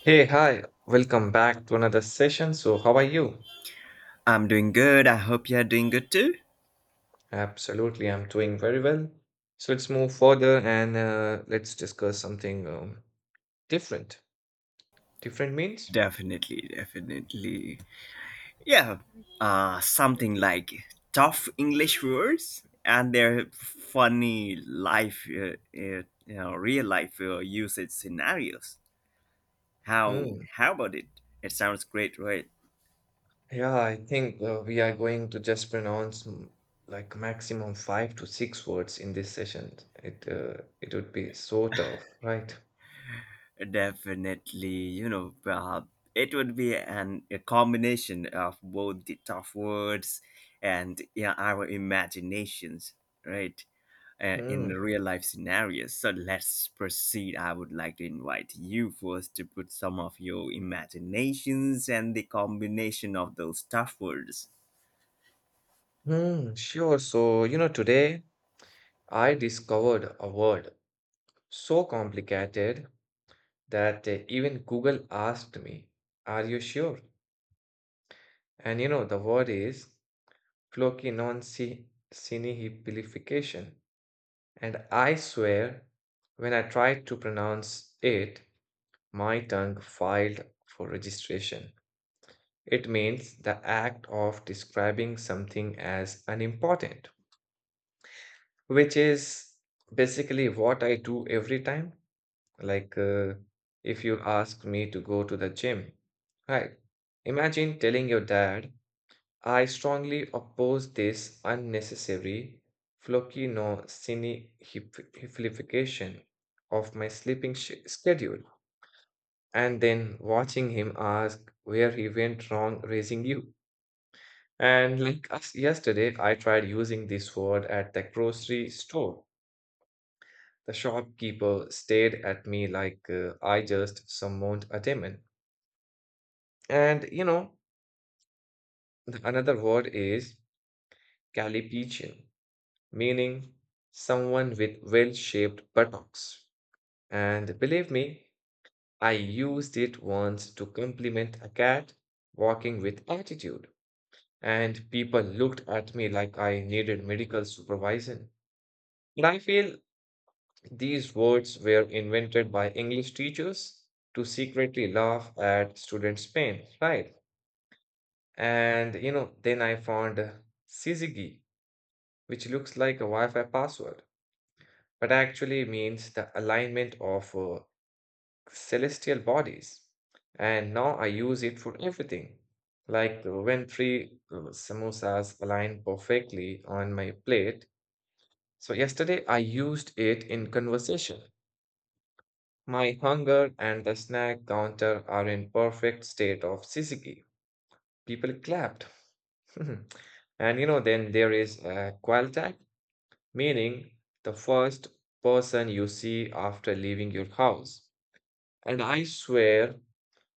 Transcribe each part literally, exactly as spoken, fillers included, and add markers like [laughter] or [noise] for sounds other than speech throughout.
Hey, hi, welcome back to another session. So, how are you? I'm doing good. I hope you're doing good too. Absolutely, I'm doing very well. So, let's move further and uh, let's discuss something um, different. Different means? Definitely, definitely. Yeah, uh, something like tough English words and their funny life, uh, uh, you know, real life uh, usage scenarios. How Hmm. how about it? It sounds great, right? Yeah, I think uh, we are going to just pronounce mm, like maximum five to six words in this session. It uh, it would be so tough, right? Definitely, you know, uh, it would be an a combination of both the tough words and yeah, our imaginations, right? Uh, in Hmm. real life scenarios. So let's proceed. I would like to invite you first to put some of your imaginations and the combination of those tough words. Hmm. Sure. So, you know, today I discovered a word so complicated that uh, even Google asked me, are you sure? And you know, the word is floki non si flocinoncinihiplification. And I swear, when I tried to pronounce it, my tongue filed for registration. It means the act of describing something as unimportant, which is basically what I do every time. Like uh, if you ask me to go to the gym, right? Imagine telling your dad, I strongly oppose this unnecessary flocinosynification of my sleeping sh schedule, and then watching him ask where he went wrong raising you. And like us yesterday, I tried using this word at the grocery store. The shopkeeper stared at me like uh, I just summoned a demon. And you know, the another word is calipegian, meaning someone with well-shaped buttocks. And believe me, I used it once to compliment a cat walking with attitude, and people looked at me like I needed medical supervision. And I feel these words were invented by English teachers to secretly laugh at students' pain, right? And you know, then I found syzygy, which looks like a Wi-Fi password, but actually means the alignment of uh, celestial bodies. And now I use it for everything. Like uh, when three uh, samosas align perfectly on my plate. So yesterday I used it in conversation. My hunger and the snack counter are in perfect state of syzygy. People clapped. [laughs] And you know, then there is uh, Qualtag, meaning the first person you see after leaving your house. And I swear,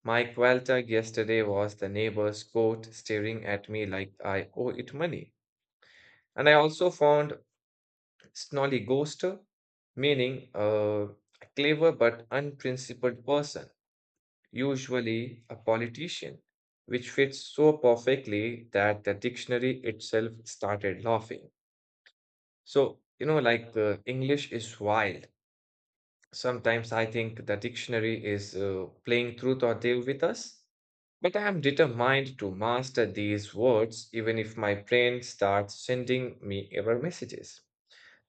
my Qualtag yesterday was the neighbor's goat staring at me like I owe it money. And I also found Snolly Ghoster, meaning uh, a clever but unprincipled person, usually a politician, which fits so perfectly that the dictionary itself started laughing. So, you know, like uh, English is wild. Sometimes I think the dictionary is uh, playing truth or deal with us, but I am determined to master these words even if my brain starts sending me error messages.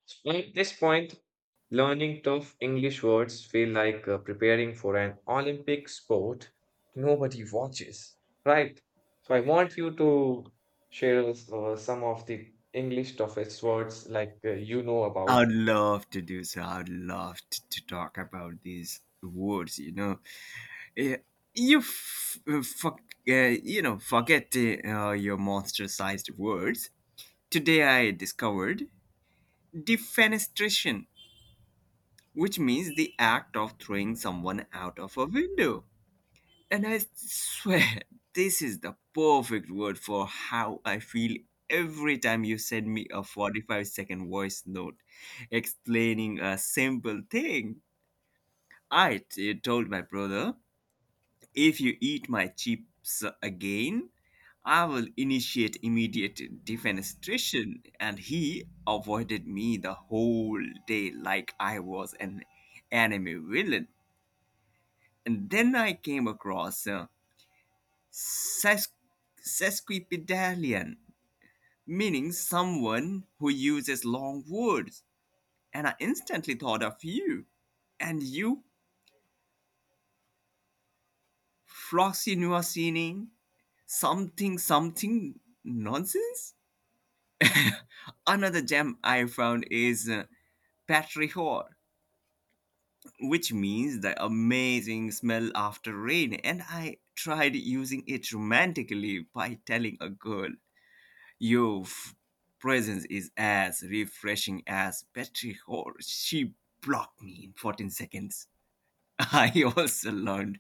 So at this point, learning tough English words feel like uh, preparing for an Olympic sport nobody watches, right? So I want you to share uh, some of the English toughest words like uh, you know I about. would love to do so. I would love to, to talk about these words, you know. Eh, You, f- uh, fuck, uh, you know, forget uh, uh, your monster-sized words. Today I discovered defenestration, which means the act of throwing someone out of a window. And I swear, this is the perfect word for how I feel every time you send me a forty-five second voice note explaining a simple thing. I t- told my brother, if you eat my chips again, I will initiate immediate defenestration. And he avoided me the whole day like I was an anime villain. And then I came across. Uh, Sesqu- sesquipedalian, meaning someone who uses long words, and I instantly thought of you. And you, Frosty Nuasini, something something nonsense? Another gem I found is uh, Patrihor, which means the amazing smell after rain, and I tried using it romantically by telling a girl, your f- presence is as refreshing as Petri, or she blocked me in fourteen seconds. [laughs] I also learned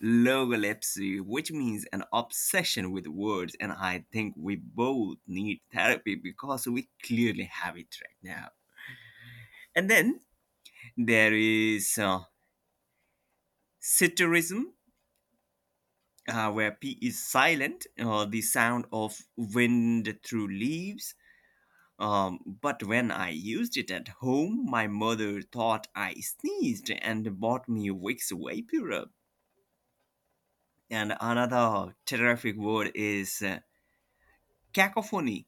logolepsy, which means an obsession with words, and I think we both need therapy because we clearly have it right now. And then there is uh, sitterism, uh, where P is silent, uh, the sound of wind through leaves. Um, but when I used it at home, my mother thought I sneezed and bought me Vicks Vaporub. And another terrific word is uh, cacophony,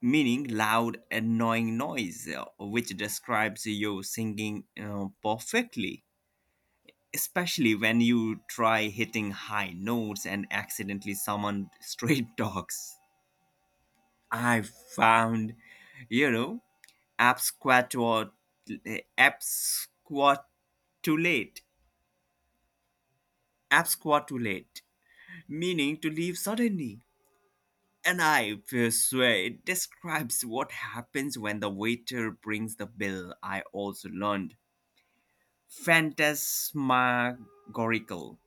meaning loud, annoying noise, uh, which describes your singing uh, perfectly, especially when you try hitting high notes and accidentally summon [laughs] straight dogs. I found, you know, absquatort absquat too late, absquatulate, meaning to leave suddenly. And I swear it describes what happens when the waiter brings the bill. I also learned phantasmagorical,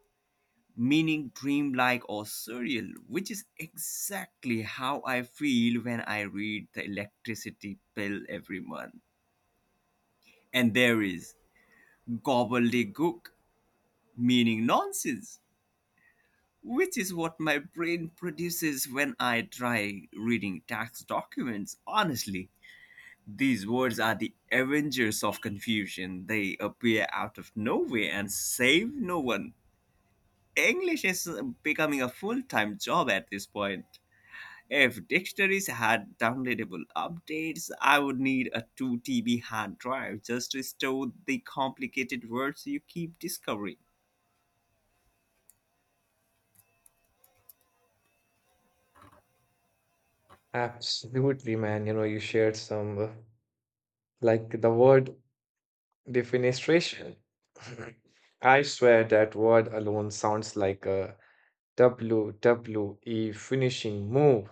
meaning dreamlike or surreal, which is exactly how I feel when I read the electricity bill every month. And there is gobbledygook, meaning nonsense, which is what my brain produces when I try reading tax documents. Honestly, these words are the Avengers of confusion. They appear out of nowhere and save no one. English is uh, becoming a full time job at this point. If dictionaries had downloadable updates, I would need a two T B hard drive just to store the complicated words you keep discovering. Absolutely, man. You know, you shared some. uh, Like the word defenestration. [laughs] I swear that word alone sounds like a W W E finishing move,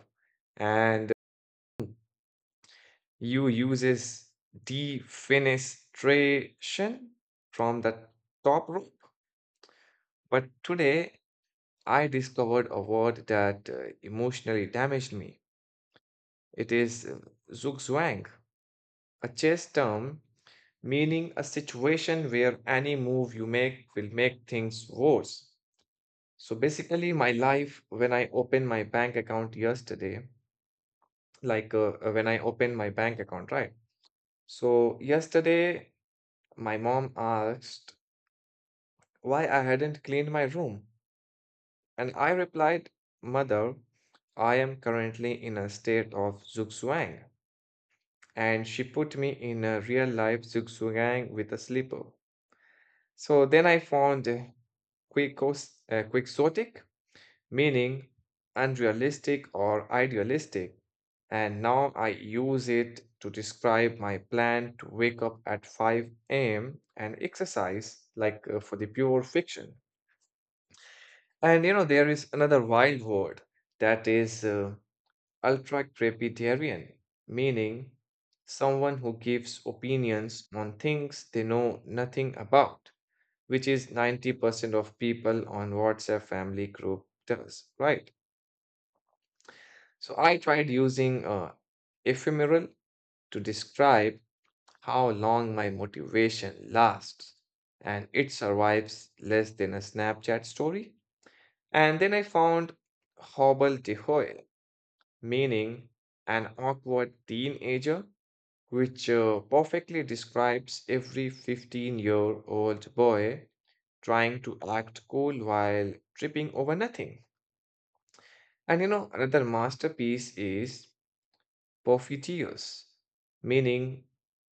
and you uses defenestration from the top rope. But today I discovered a word that uh, emotionally damaged me. It is uh, zugzwang. A chess term meaning a situation where any move you make will make things worse. So basically, my life when I opened my bank account yesterday, like uh, uh, when I opened my bank account, right? So yesterday, my mom asked why I hadn't cleaned my room. And I replied, Mother, I am currently in a state of zugzwang. And she put me in a real life zugzwang with a slipper. So then I found uh, quixos- uh, quixotic, meaning unrealistic or idealistic, and now I use it to describe my plan to wake up at five a m and exercise, like uh, for the pure fiction. And you know, there is another wild word that is uh, ultra-crepidarian, meaning someone who gives opinions on things they know nothing about, which is ninety percent of people on WhatsApp family group does, right? So I tried using uh, ephemeral to describe how long my motivation lasts, and it survives less than a Snapchat story. And then I found hobble dehoy, meaning an awkward teenager, which uh, perfectly describes every fifteen year old boy trying to act cool while tripping over nothing. And you know, another masterpiece is Porphytios, meaning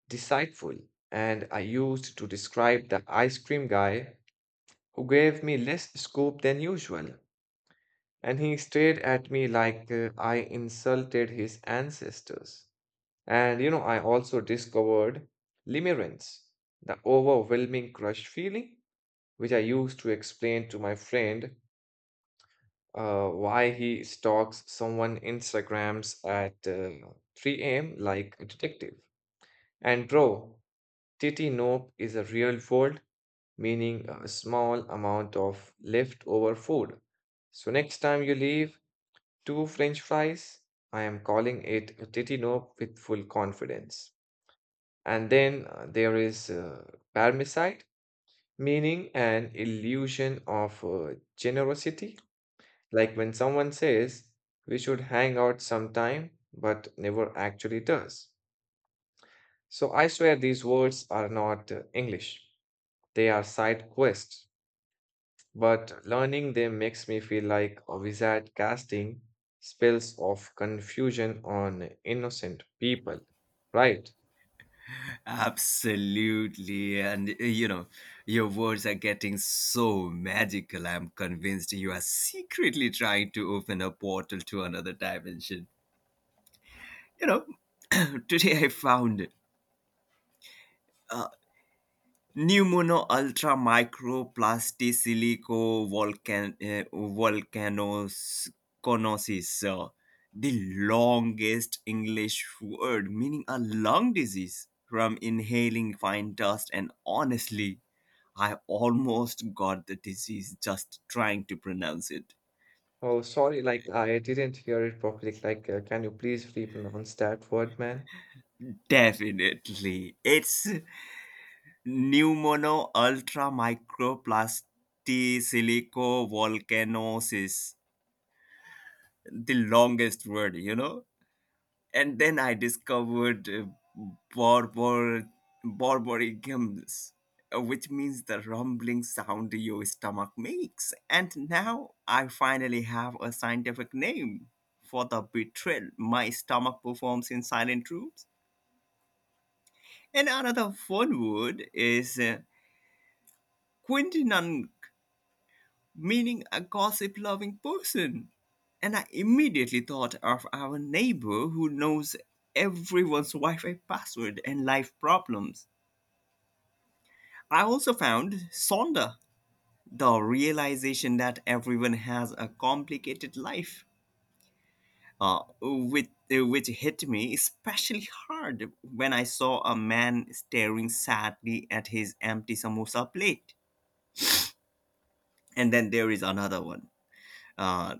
deceitful. And I used to describe the ice cream guy who gave me less scoop than usual. And he stared at me like uh, I insulted his ancestors. And you know, I also discovered limerence, the overwhelming crush feeling, which I used to explain to my friend uh, why he stalks someone Instagrams at uh, three a m like a detective. And bro, titty nope is a real world, meaning a small amount of leftover food. So next time you leave, two French fries. I am calling it a titty nope with full confidence. And then uh, there is uh, parricide, meaning an illusion of uh, generosity. Like when someone says, we should hang out sometime, but never actually does. So I swear these words are not uh, English, they are side quests. But learning them makes me feel like a wizard casting spells of confusion on innocent people, right? Absolutely. And uh, you know, your words are getting so magical. I'm convinced you are secretly trying to open a portal to another dimension. You know, [clears throat] today I found uh, pneumono ultra microplasty silico volcan- uh, volcanos conosis, uh, the longest English word, meaning a lung disease from inhaling fine dust. And honestly, I almost got the disease just trying to pronounce it. Oh, sorry, like I didn't hear it properly. Like, uh, can you please repronounce that word, man? Definitely. It's pneumono ultra microplasty silico volcanosis, the longest word, you know? And then I discovered uh, Barbor Barbarigums, uh, which means the rumbling sound your stomach makes. And now I finally have a scientific name for the betrayal my stomach performs in silent rooms. And another fun word is uh, quintinan, meaning a gossip loving person. And I immediately thought of our neighbor who knows everyone's Wi Fi password and life problems. I also found Sonda, the realization that everyone has a complicated life, uh, which, which hit me especially hard when I saw a man staring sadly at his empty samosa plate. And then there is another one. Uh,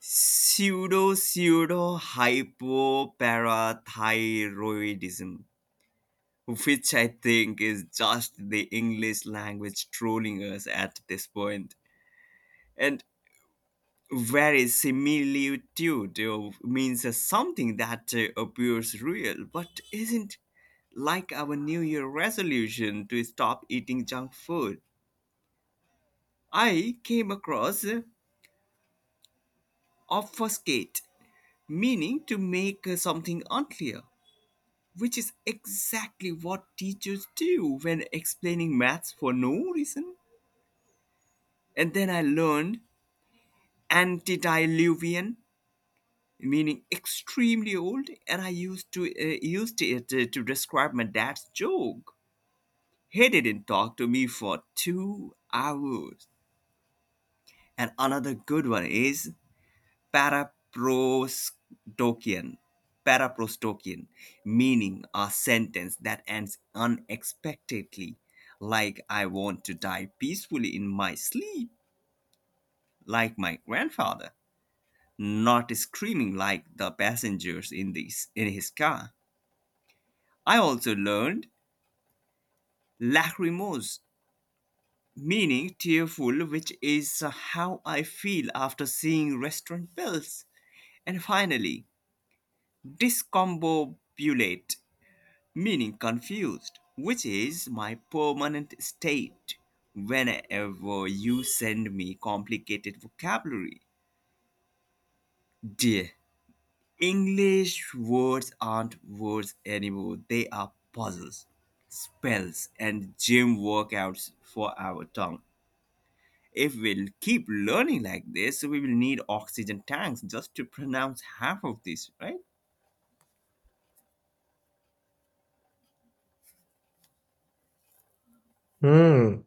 Pseudo pseudo hypoparathyroidism, which I think is just the English language trolling us at this point. And very similitude uh, means uh, something that uh, appears real but isn't, like our new year resolution to stop eating junk food. I came across uh, obfuscate, meaning to make uh, something unclear, which is exactly what teachers do when explaining maths for no reason. And then I learned antediluvian, meaning extremely old, and I used to uh, used it uh, to describe my dad's joke. He didn't talk to me for two hours. And another good one is paraprostokian paraprostokian, meaning a sentence that ends unexpectedly, like I want to die peacefully in my sleep like my grandfather, not screaming like the passengers in this in his car. I also learned lachrymose, meaning tearful, which is how I feel after seeing restaurant bills. And finally, discombobulate, meaning confused, which is my permanent state whenever you send me complicated vocabulary. Dear, English words aren't words anymore, they are puzzles, spells, and gym workouts for our tongue. If we'll keep learning like this, we will need oxygen tanks just to pronounce half of this, right? Hmm.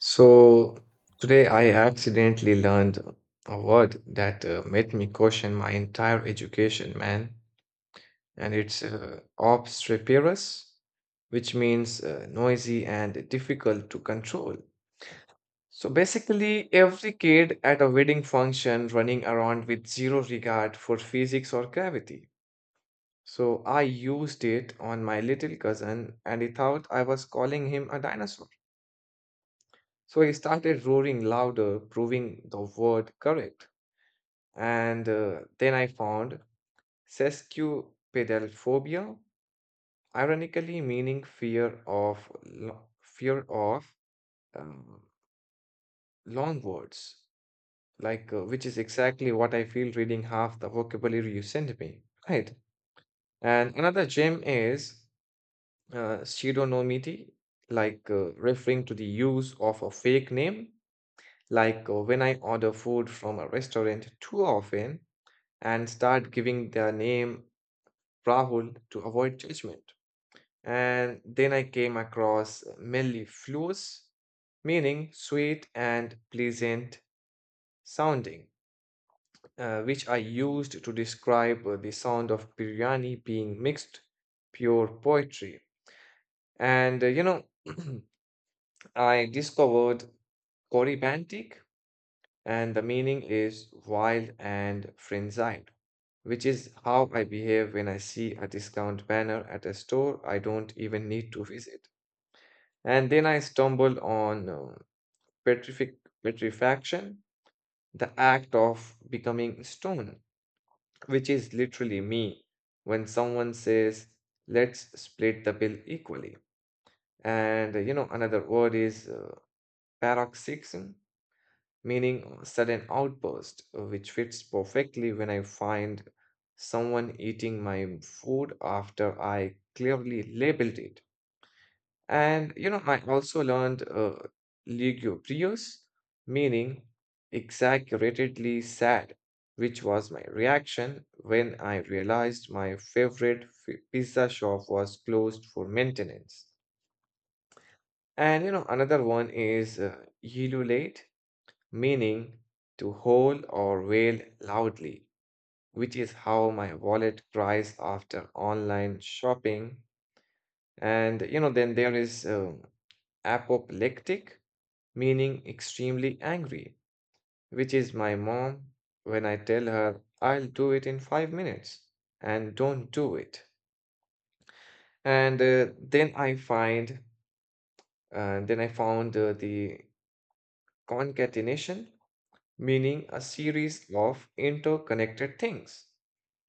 So today I accidentally learned a word that uh, made me question my entire education, man. And it's uh, obstreperous, which means uh, noisy and difficult to control. So basically, every kid at a wedding function running around with zero regard for physics or gravity. So I used it on my little cousin and he thought I was calling him a dinosaur. So he started roaring louder, proving the word correct. And uh, then I found sesquipedalphobia, ironically meaning fear of lo- fear of um, long words, like uh, which is exactly what I feel reading half the vocabulary you sent me, right? And another gem is uh, pseudonymity, like uh, referring to the use of a fake name. Like uh, when I order food from a restaurant too often and start giving their name Rahul to avoid judgment. And then I came across mellifluous, meaning sweet and pleasant sounding, uh, which I used to describe uh, the sound of biryani being mixed, pure poetry. And uh, you know, [clears throat] I discovered Corybantic, and the meaning is wild and frenzied, which is how I behave when I see a discount banner at a store I don't even need to visit. And then I stumble on uh, petrific petrifaction, the act of becoming stone, which is literally me when someone says, let's split the bill equally. And uh, you know, another word is uh, paroxysm, meaning sudden outburst, uh, which fits perfectly when I find someone eating my food after I clearly labeled it. And you know, I also learned uh, lugubrious, meaning exaggeratedly sad, which was my reaction when I realized my favorite fi- pizza shop was closed for maintenance. And you know, another one is uh, elulate, meaning to howl or wail loudly, which is how my wallet cries after online shopping. And you know, then there is um, apoplectic, meaning extremely angry, which is my mom when I tell her I'll do it in five minutes and don't do it. And uh, then I find, uh, then I found uh, the concatenation, meaning a series of interconnected things,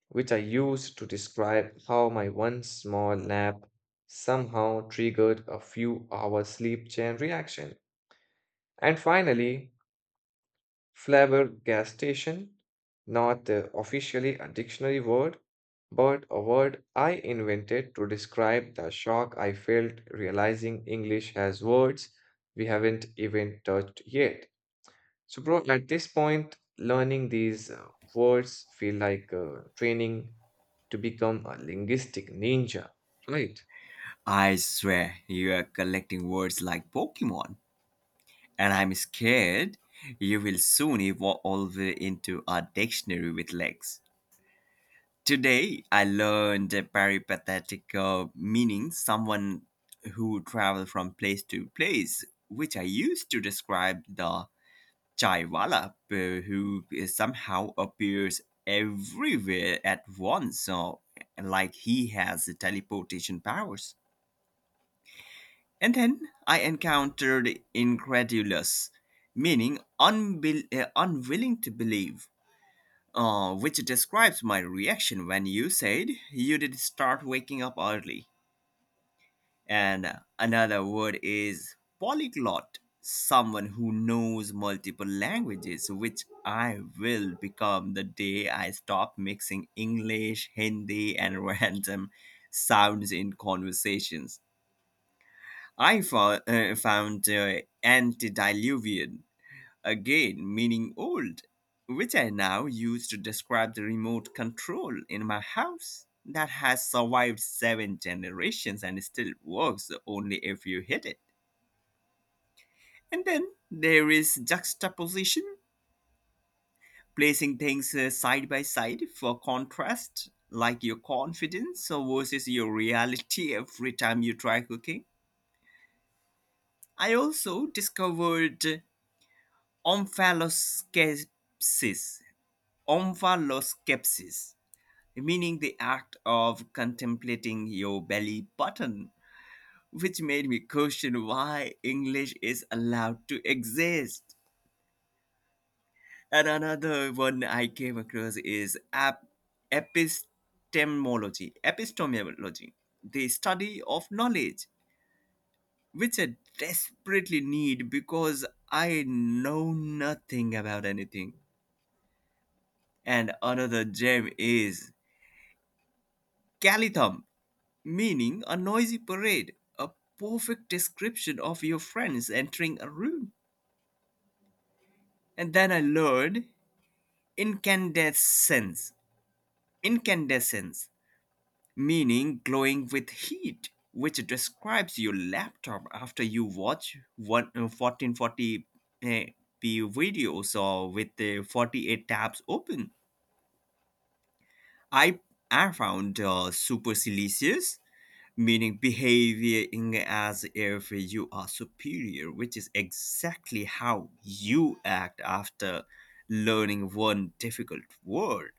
which I used to describe how my one small nap somehow triggered a few hour sleep chain reaction. And finally, flabbergastation, not uh, officially a dictionary word, but a word I invented to describe the shock I felt realizing English has words we haven't even touched yet. So, bro, at this point, learning these uh, words feel like uh, training to become a linguistic ninja, right? I swear you are collecting words like Pokemon. And I'm scared you will soon evolve into a dictionary with legs. Today, I learned a peripatetic, uh, meaning someone who travel from place to place, which I used to describe the chaiwala, uh, who somehow appears everywhere at once, uh, like he has teleportation powers. And then I encountered incredulous, meaning unbel- uh, unwilling to believe, uh, which describes my reaction when you said you did start waking up early. And another word is polyglot, someone who knows multiple languages, which I will become the day I stop mixing English, Hindi, and [laughs] random sounds in conversations. I fo- uh, found uh, antediluvian again, meaning old, which I now use to describe the remote control in my house that has survived seven generations and still works only if you hit it. And then there is juxtaposition, placing things uh, side by side for contrast, like your confidence versus your reality every time you try cooking. I also discovered Omphaloskepsis. Omphaloskepsis, meaning the act of contemplating your belly button, which made me question why English is allowed to exist. And another one I came across is ap- epistemology. epistemology, the study of knowledge, which I desperately need because I know nothing about anything. And another gem is Calithum, meaning a noisy parade, a perfect description of your friends entering a room. And then I learned incandescence, incandescence, meaning glowing with heat, which describes your laptop after you watch one, uh, fourteen forty p videos or with the forty-eight tabs open. I I found uh, supercilious, meaning behaving as if you are superior, which is exactly how you act after learning one difficult word.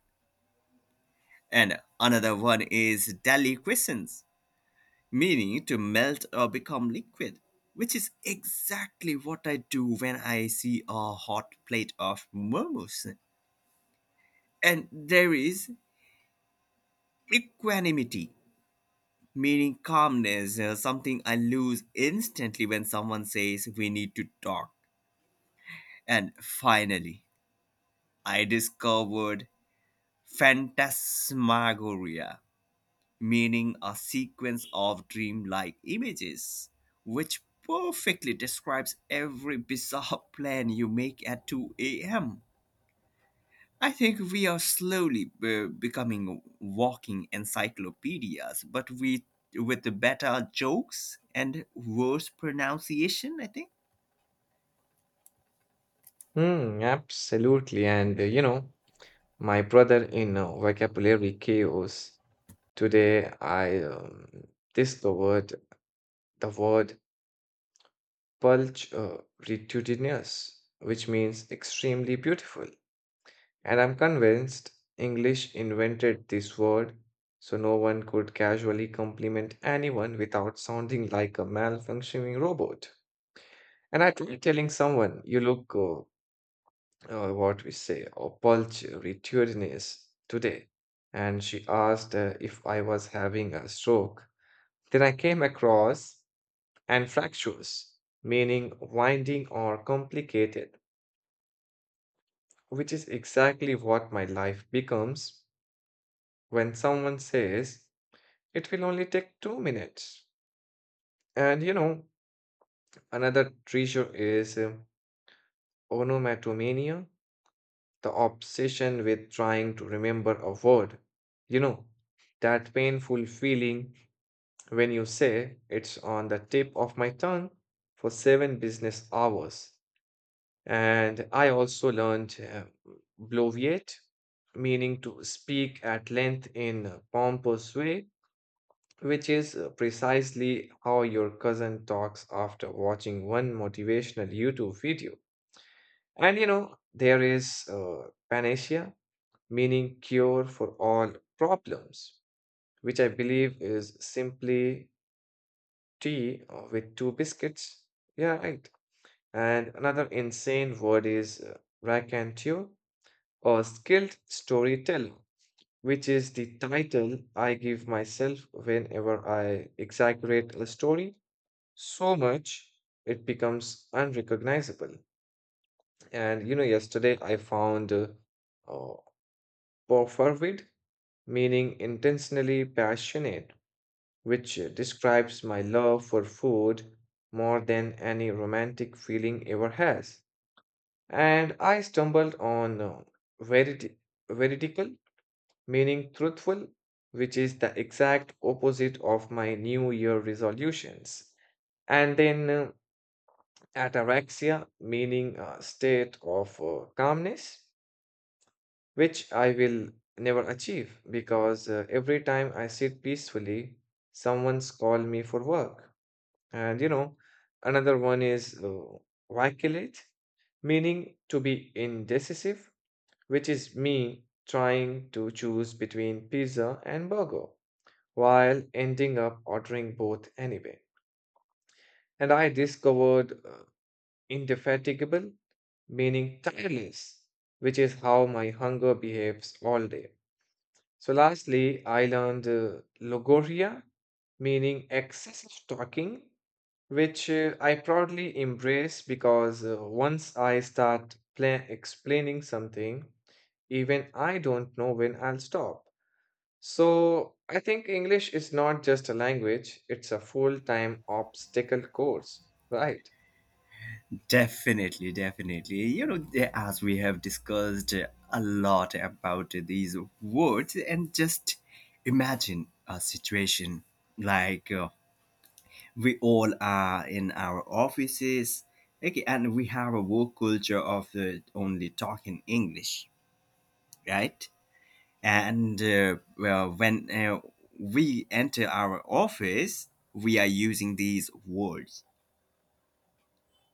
And another one is deliquescence, meaning to melt or become liquid, which is exactly what I do when I see a hot plate of momos. And there is equanimity, meaning calmness, uh, something I lose instantly when someone says we need to talk. And finally, I discovered phantasmagoria, meaning a sequence of dreamlike images, which perfectly describes every bizarre [laughs] plan you make at two a m. I think we are slowly uh, becoming walking encyclopedias, but we with the better jokes and worse pronunciation. I think Hmm, absolutely. And uh, you know, my brother in uh, vocabulary chaos, today I um, discovered the word pulch uh, retudinous, which means extremely beautiful. And I'm convinced English invented this word so no one could casually compliment anyone without sounding like a malfunctioning robot. And I tried telling someone, you look, uh, uh, what we say, or pulch, returnees today. And she asked uh, if I was having a stroke. Then I came across anfractuous, meaning winding or complicated, which is exactly what my life becomes when someone says, it will only take two minutes. And you know, another treasure is uh, onomatopoeia, the obsession with trying to remember a word. You know, that painful feeling when you say it's on the tip of my tongue for seven business hours. And I also learned uh, bloviate, meaning to speak at length in a pompous way, which is uh, precisely how your cousin talks after watching one motivational YouTube video. And you know, there is uh, panacea, meaning cure for all problems, which I believe is simply tea uh, with two biscuits. Yeah, right. And another insane word is uh, raconteur or skilled storyteller, which is the title I give myself whenever I exaggerate a story so much it becomes unrecognizable. And you know, yesterday I found uh, uh, Porfirvid, meaning intentionally passionate, which uh, describes my love for food more than any romantic feeling ever has. And I stumbled on uh, veriti- veridical, meaning truthful, which is the exact opposite of my New Year resolutions. And then uh, ataraxia, meaning a state of uh, calmness, which I will never achieve because uh, every time I sit peacefully, someone's call me for work. And you know, another one is uh, vacillate, meaning to be indecisive, which is me trying to choose between pizza and burger while ending up ordering both anyway. And I discovered uh, indefatigable, meaning tireless, which is how my hunger behaves all day. So, lastly, I learned uh, logoria, meaning excessive talking, which uh, I proudly embrace because uh, once I start pla- explaining something, even I don't know when I'll stop. So, I think English is not just a language, it's a full time obstacle course, right? definitely, definitely. You know, as we have discussed a lot about these words, and just imagine a situation like uh, we all are in our offices, okay, and we have a work culture of uh, only talking English, right? And uh, well, when uh, we enter our office, we are using these words.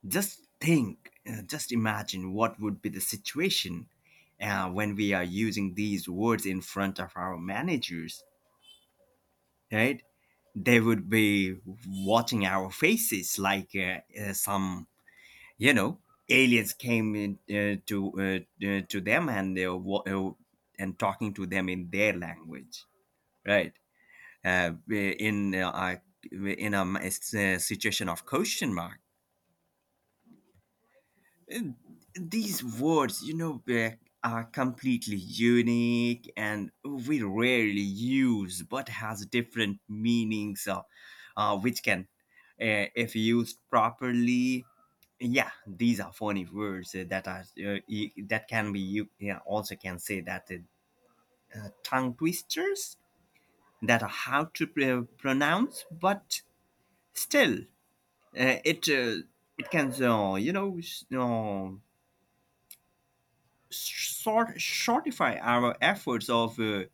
Just think, uh, just imagine what would be the situation uh, when we are using these words in front of our managers, right? They would be watching our faces like uh, uh, some, you know, aliens came in, uh, to uh, uh, to them, and they were wa- uh, and talking to them in their language, right? uh, in uh, in a uh, situation of question mark. Uh, These words, you know, uh, are completely unique and we rarely use, but has different meanings, uh, uh, which can, uh, if used properly, yeah, these are funny words uh, that are uh, e- that can be you, yeah, also can say that uh, uh, tongue twisters that are hard to pr- pronounce, but still Uh, it uh, it can, uh, you know, s- uh, short shortify our efforts of uh,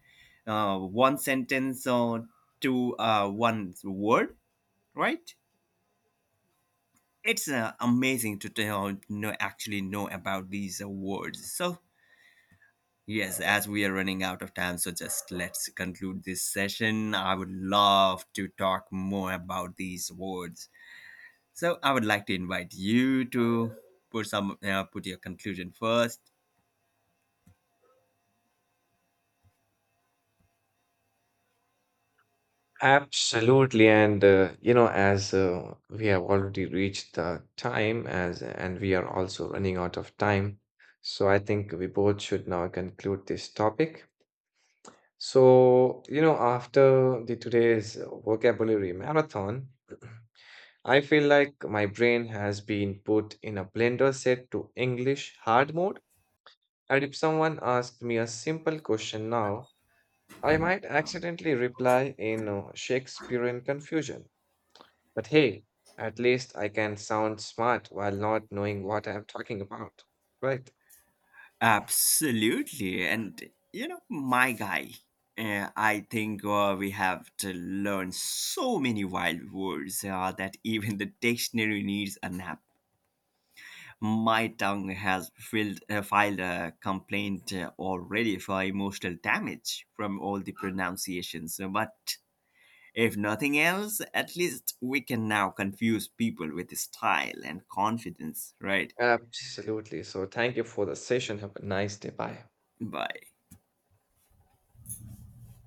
uh, one sentence or to uh, one word, right? It's uh, amazing to tell, know, actually know about these uh, words. So yes, as we are running out of time, so just let's conclude this session. I would love to talk more about these words. So I would like to invite you to put some uh, put your conclusion first. Absolutely, and uh, you know, as uh, we have already reached the time, as and we are also running out of time, so I think we both should now conclude this topic. So, you know, after the today's vocabulary marathon, [clears throat] I feel like my brain has been put in a blender set to English hard mode. And if someone asked me a simple question now, I might accidentally reply in uh, Shakespearean confusion. But hey, at least I can sound smart while not knowing what I'm talking about. Right. Absolutely. And, you know, my guy, uh, I think uh, we have to learn so many wild words uh, that even the dictionary needs a nap. My tongue has filed, uh, filed a complaint uh, already for emotional damage from all the pronunciations. But if nothing else, at least we can now confuse people with style and confidence, right? Absolutely. So thank you for the session. Have a nice day. Bye. Bye.